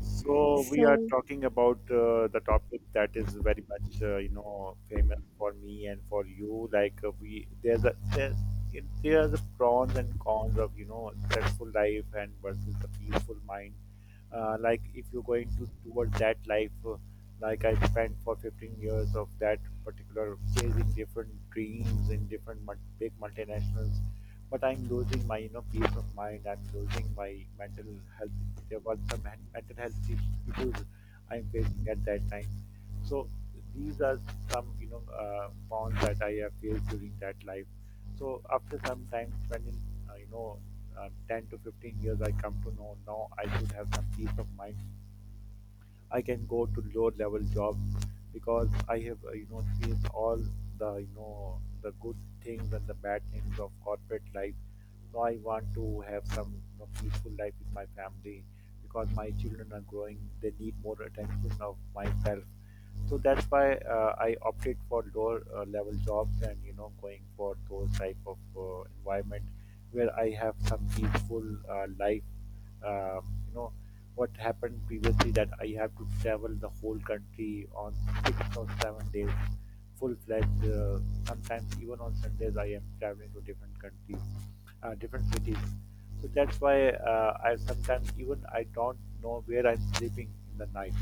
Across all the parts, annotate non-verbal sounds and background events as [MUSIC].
So we are So, talking about the topic that is very much famous for me and for you. Like we there's a there's it, there's a pros and cons of stressful life and versus the peaceful mind. If you're going to towards that life, like I spent for 15 years of that particular chasing different dreams in big multinationals, but I'm losing my peace of mind. I'm losing my mental health. There were mental health issues I'm facing at that time. So these are some bonds that I have faced during that life. So after some time spending, uh, you know 10 to 15 years, I come to know now I should have some peace of mind. I can go to lower level job because I have seen all the the good things and the bad things of corporate life. So I want to have some, peaceful life with my family because my children are growing. They need more attention of myself. So that's why I opted for lower level jobs and going for those type of environment where I have some peaceful life. Um, you know what happened previously that I have to travel the whole country on 6 or 7 days, full fledged. Sometimes even on Sundays, I am traveling to different countries, different cities. So that's why I sometimes, even I don't know where I'm sleeping in the night.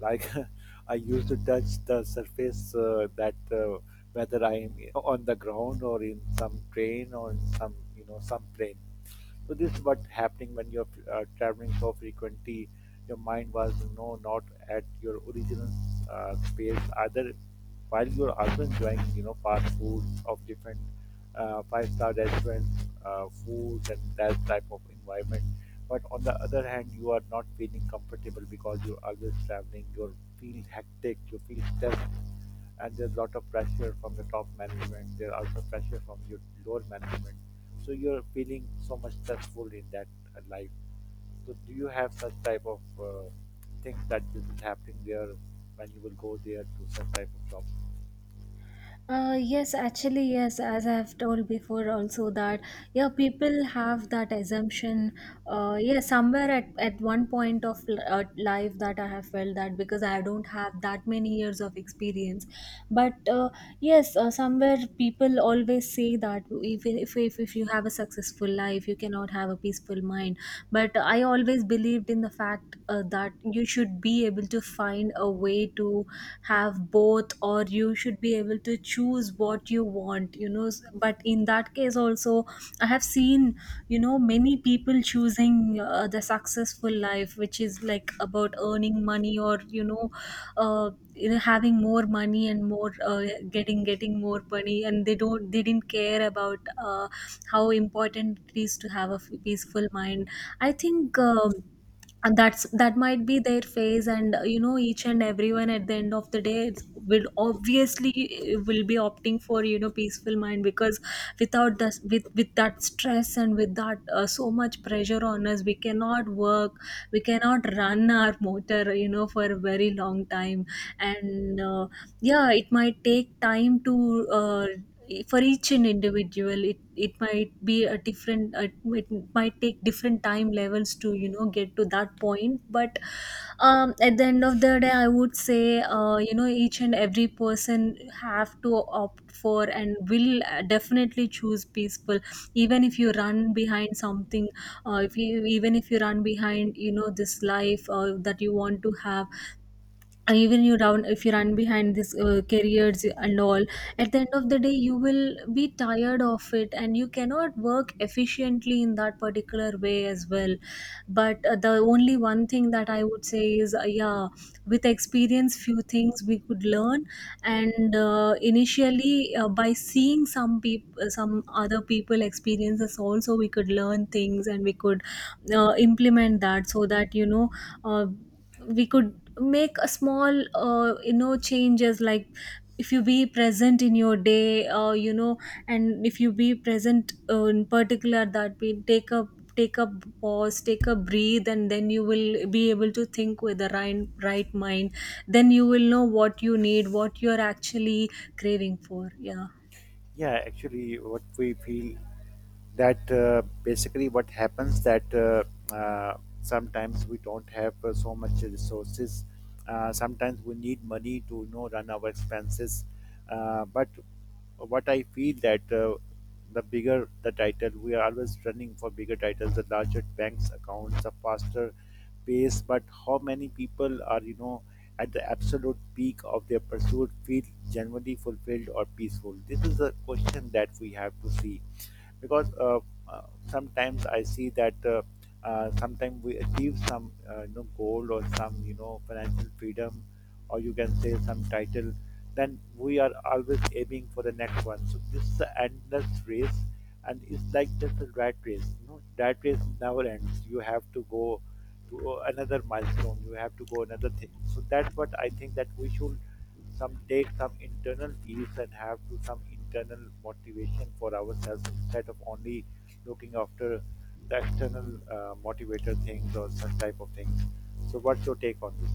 Like [LAUGHS] I used to touch the surface that whether I am on the ground or in some train or in some some plane. So this is what happening when you're traveling so frequently your mind was no, not at your original space either, while you're also enjoying fast foods of different five-star restaurants, foods and that type of environment, but on the other hand you are not feeling comfortable because you're always traveling, you feel hectic, you feel stressed, and there's a lot of pressure from the top management. There are also pressure from your lower management. So you're feeling so much stressful in that life. So do you have such type of things that will be happening there when you will go there to some type of job? Yes, actually, yes, as I've told before also that, yeah, people have that assumption, yeah, somewhere at one point of life that I have felt that because I don't have that many years of experience. But Yes, somewhere people always say that even if you have a successful life, you cannot have a peaceful mind. But I always believed in the fact that you should be able to find a way to have both, or you should be able to choose what you want. But in that case also, I have seen many people choosing the successful life, which is like about earning money or having more money and more getting more money, and they didn't care about how important it is to have a peaceful mind, I think. And that might be their phase, and each and everyone at the end of the day will obviously will be opting for peaceful mind, because without this with that stress and with that so much pressure on us, we cannot work, we cannot run our motor, you know, for very, very long time. And yeah, it might take time to for each an individual, it might be a different, it might take different time levels to, you know, get to that point. But at the end of the day, I would say, each and every person have to opt for and will definitely choose peaceful, even if you run behind something. If you, even if you run behind, you know, this life that you want to have, even you down if you run behind this careers and all, at the end of the day you will be tired of it and you cannot work efficiently in that particular way as well. But the only one thing that I would say is, yeah, with experience few things we could learn. And initially, by seeing some people, some other people experiences also, we could learn things and we could implement that, so that, you know, uh, we could make a small, changes. Like if you be present in your day, and if you be present, in particular, that we take a pause, take a breathe, and then you will be able to think with the right mind. Then you will know what you need, what you're actually craving for. Yeah. Yeah, actually, what we feel that basically what happens that, sometimes we don't have so much resources. Sometimes we need money to run our expenses, but what I feel that, the bigger the title, we are always running for bigger titles, the larger banks accounts, the faster pace, but how many people are, at the absolute peak of their pursuit, feel genuinely fulfilled or peaceful? This is a question that we have to see because, uh, sometimes I see that, sometimes we achieve some goal or some financial freedom, or you can say some title, then we are always aiming for the next one. So this is the endless race, and it's like just a rat race. Rat race never ends. You have to go to another milestone, you have to go another thing. So that's what I think, that we should some take some internal peace and have to some internal motivation for ourselves instead of only looking after the external motivator things or such type of things. So, what's your take on this?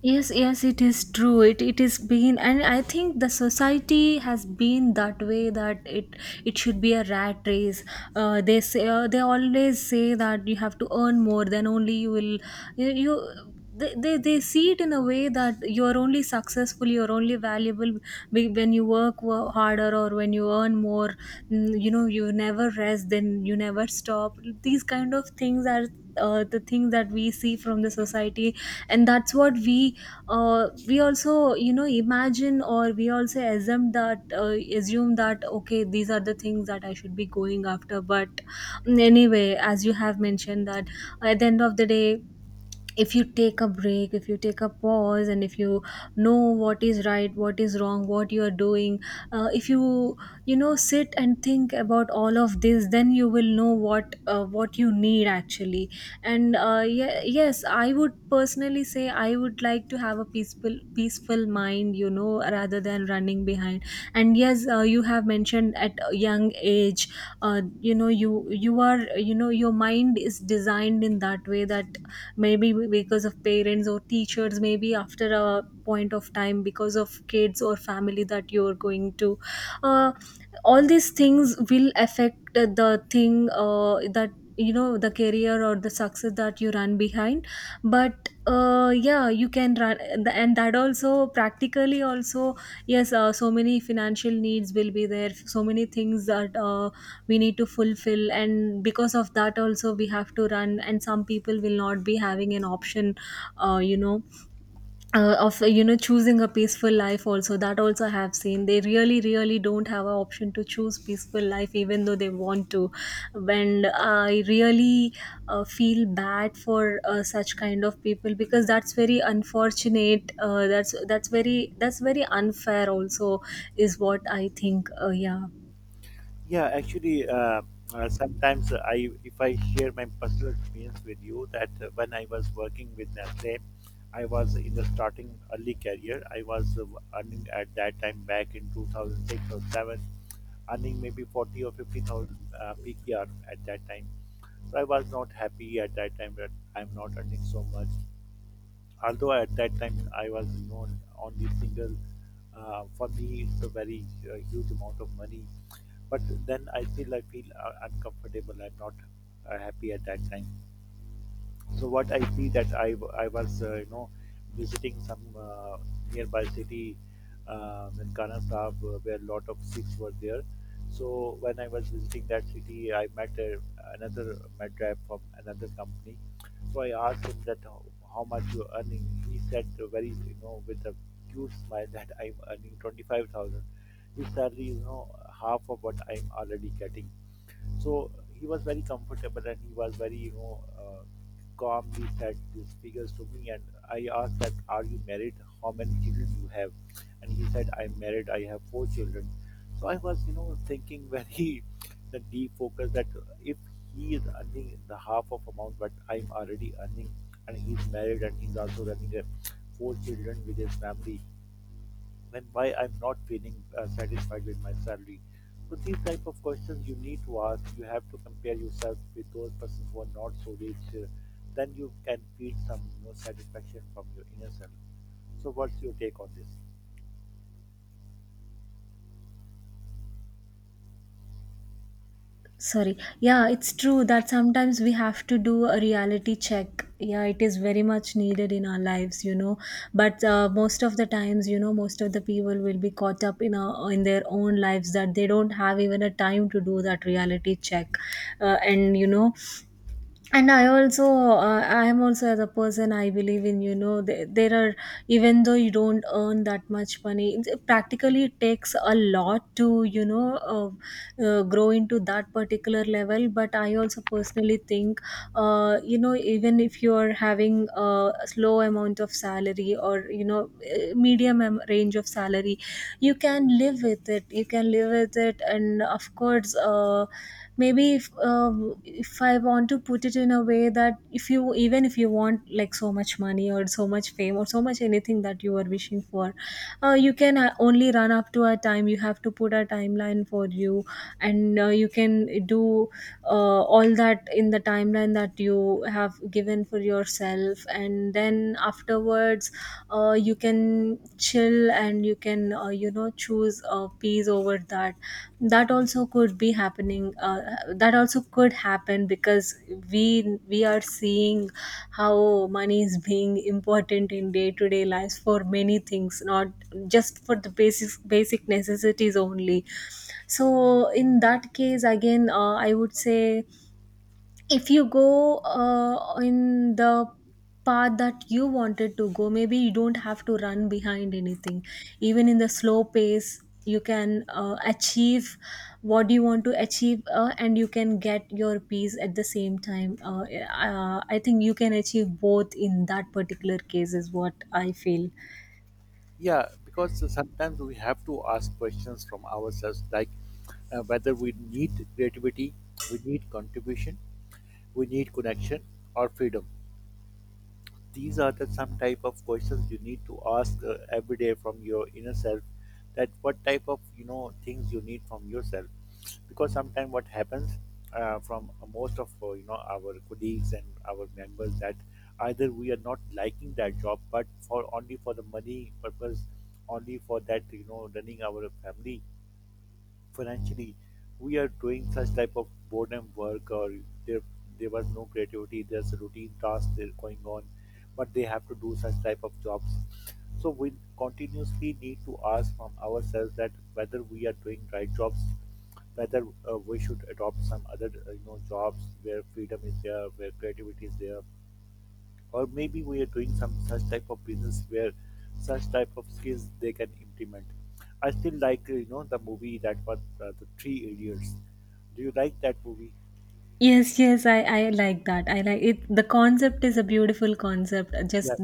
Yes, yes, it is true. It is been, and I think the society has been that way, that it should be a rat race. They say, they always say that you have to earn more, then only you will you. you they see it in a way that you're only successful, you're only valuable when you work harder or when you earn more. Mm, you know, you never rest, then you never stop. These kind of things are the things that we see from the society, and that's what we also, you know, imagine, or we also assume that, okay, these are the things that I should be going after. But anyway, as you have mentioned, that at the end of the day, if you take a break, if you take a pause, and if you know what is right, what is wrong, what you are doing, if you, you know, sit and think about all of this, then you will know what, what you need actually. And yeah, yes, I would personally say I would like to have a peaceful mind, you know, rather than running behind. And yes, you have mentioned at a young age, you, you are, you know, your mind is designed in that way that maybe because of parents or teachers, maybe after a point of time because of kids or family, that you're going to, uh, all these things will affect the thing, that, you know, the career or the success that you run behind. But yeah, you can run, and that also practically also, yes, so many financial needs will be there, so many things that we need to fulfill, and because of that also we have to run, and some people will not be having an option, uh, you know of, you know, choosing a peaceful life also. That also I have seen, they really, really don't have an option to choose peaceful life, even though they want to. And I really feel bad for such kind of people, because that's very unfortunate. That's very, that's very unfair also, is what I think. Yeah. Yeah, actually, sometimes if I share my personal experience with you, that when I was working with Nestle, I was in the starting early career. I was earning at that time back in 2006 or 7, earning maybe 40 or 50,000 PKR at that time. So I was not happy at that time, that I'm not earning so much. Although at that time I was known only single, for me it's a very huge amount of money, but then I feel uncomfortable. I'm not happy at that time. So what I see that I was visiting some nearby city in Khana Sahib, where a lot of Sikhs were there. So when I was visiting that city, another madrap from another company. So I asked him that, how much you're earning. He said very, with a cute smile, that I'm earning 25,000. His salary is, half of what I'm already getting. So he was very comfortable and he was very, calmly said these figures to me. And I asked that, "Are you married? How many children you have?" And he said, "I'm married. I have four children." So I was, thinking very [LAUGHS] the deep focus that if he is earning the half of amount but I'm already earning, and he's married and he's also running a four children with his family, and why I'm not feeling satisfied with my salary. So these type of questions you need to ask. You have to compare yourself with those persons who are not so rich. Then you can feel some, satisfaction from your inner self. So what's your take on this? Sorry. Yeah, it's true that sometimes we have to do a reality check. Yeah, it is very much needed in our lives, you know. But most of the times, you know, most of the people will be caught up in a, in their own lives, that they don't have even a time to do that reality check. And you know, and I also, I am also, as a person, I believe in, you know, there are, even though you don't earn that much money, it practically, it takes a lot to, you know, grow into that particular level. But I also personally think, you know, even if you are having a slow amount of salary, or you know, eh, medium range of salary, you can live with it, you can live with it. And of course, maybe if I want to put it in a way that, if you, even if you want like so much money or so much fame or so much anything that you are wishing for, you can, only run up to a time, you have to put a timeline for you. And you can do all that in the timeline that you have given for yourself, and then afterwards, you can chill, and you can, choose peace over that. That also could be happening, that also could happen, because we are seeing how money is being important in day to day lives for many things, not just for the basic necessities only. So in that case again, I would say, if you go in the path that you wanted to go, maybe you don't have to run behind anything. Even in the slow pace you can achieve what you want to achieve, and you can get your peace at the same time. I think you can achieve both in that particular case, is what I feel. Yeah, because sometimes we have to ask questions from ourselves, like whether we need creativity, we need contribution, we need connection or freedom. These are the some type of questions you need to ask every day from your inner self, that what type of things you need from yourself, because sometimes what happens, from most of our colleagues and our members, that either we are not liking that job but for only for the money purpose, only for that, running our family financially, we are doing such type of boredom work, or there there was no creativity, there's a routine task there going on, but they have to do such type of jobs. So we continuously need to ask from ourselves, that whether we are doing right jobs, whether we should adopt some other jobs where freedom is there, where creativity is there, or maybe we are doing some such type of business where such type of skills they can implement. I still like the movie that was the three idiots. Do you like that movie? Yes, yes, I like that, I like it. The concept is a beautiful concept, Yes,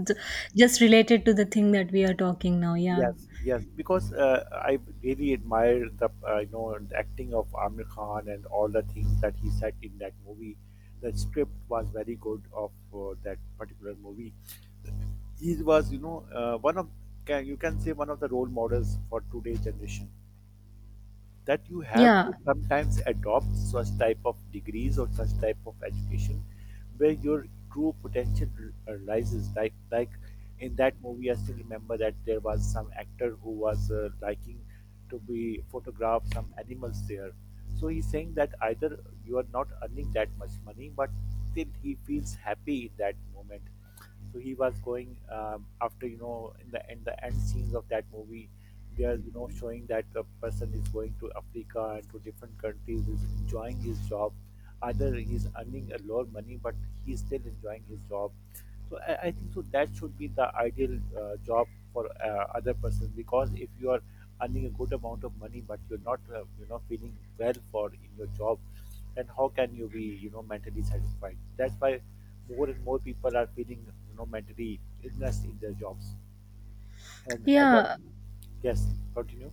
just related to the thing that we are talking now. Yeah, yes. Yes, because I really admire the the acting of Amir Khan and all the things that he said in that movie. The script was very good of that particular movie. He was one of, can you can say, one of the role models for today's generation, that you have yeah. to sometimes adopt such type of degrees or such type of education where your true potential rises like in that movie. I still remember that there was some actor who was liking to be photograph some animals there. So he's saying that either you are not earning that much money but still he feels happy in that moment. So he was going, after, in the end scenes of that movie, they are, showing that the person is going to Africa and to different countries, is enjoying his job. Either he's earning a lot of money, but he's still enjoying his job. So I think so that should be the ideal job for other person, because if you are earning a good amount of money but you're not feeling well for in your job, then how can you be mentally satisfied? That's why more and more people are feeling mentally illness in their jobs. And other, Yeah. yes, continue.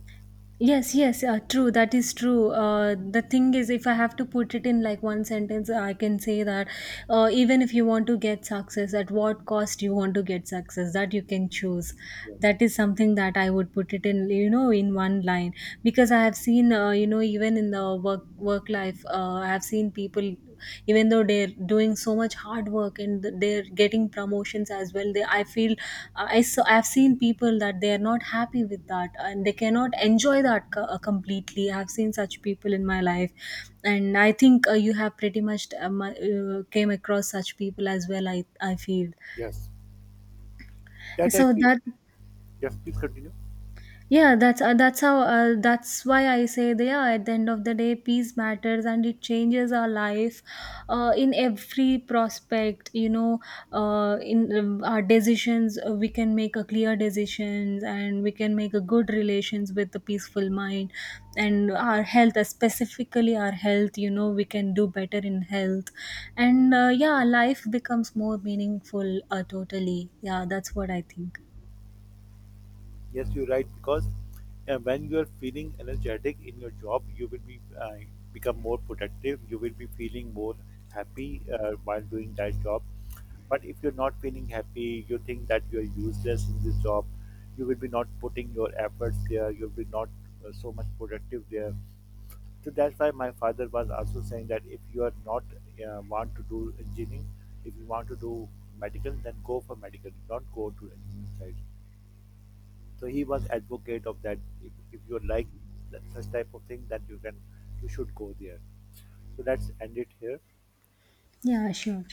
Yes, yes, true. That is true. The thing is, if I have to put it in like one sentence, I can say that, even if you want to get success, at what cost you want to get success, that you can choose. Yeah. That is something that I would put it in, you know, in one line, because I have seen, you know, even in the work life, I have seen people, even though they're doing so much hard work and they're getting promotions as well, they, I feel, I've seen people that they are not happy with that, and they cannot enjoy that completely. I've seen such people in my life, and I think, you have pretty much came across such people as well, I feel. Yes. That I So feel. that. Yes, please continue. Yeah, that's how, that's why I say that, yeah, at the end of the day, peace matters, and it changes our life in every prospect. You know, in our decisions, we can make a clear decisions, and we can make a good relations with a peaceful mind, and our health, specifically our health. You know, we can do better in health, and yeah, life becomes more meaningful. Totally, yeah, that's what I think. Yes, you're right because when you are feeling energetic in your job, you will be become more productive. You will be feeling more happy while doing that job. But if you're not feeling happy, you think that you're useless in this job. You will be not putting your efforts there. You'll be not so much productive there. So that's why my father was also saying that if you are not want to do engineering, if you want to do medical, then go for medical. Don't go to engineering side. So he was advocate of that. If you like that, such type of thing, then you should go there. So let's end it here. Yeah, sure.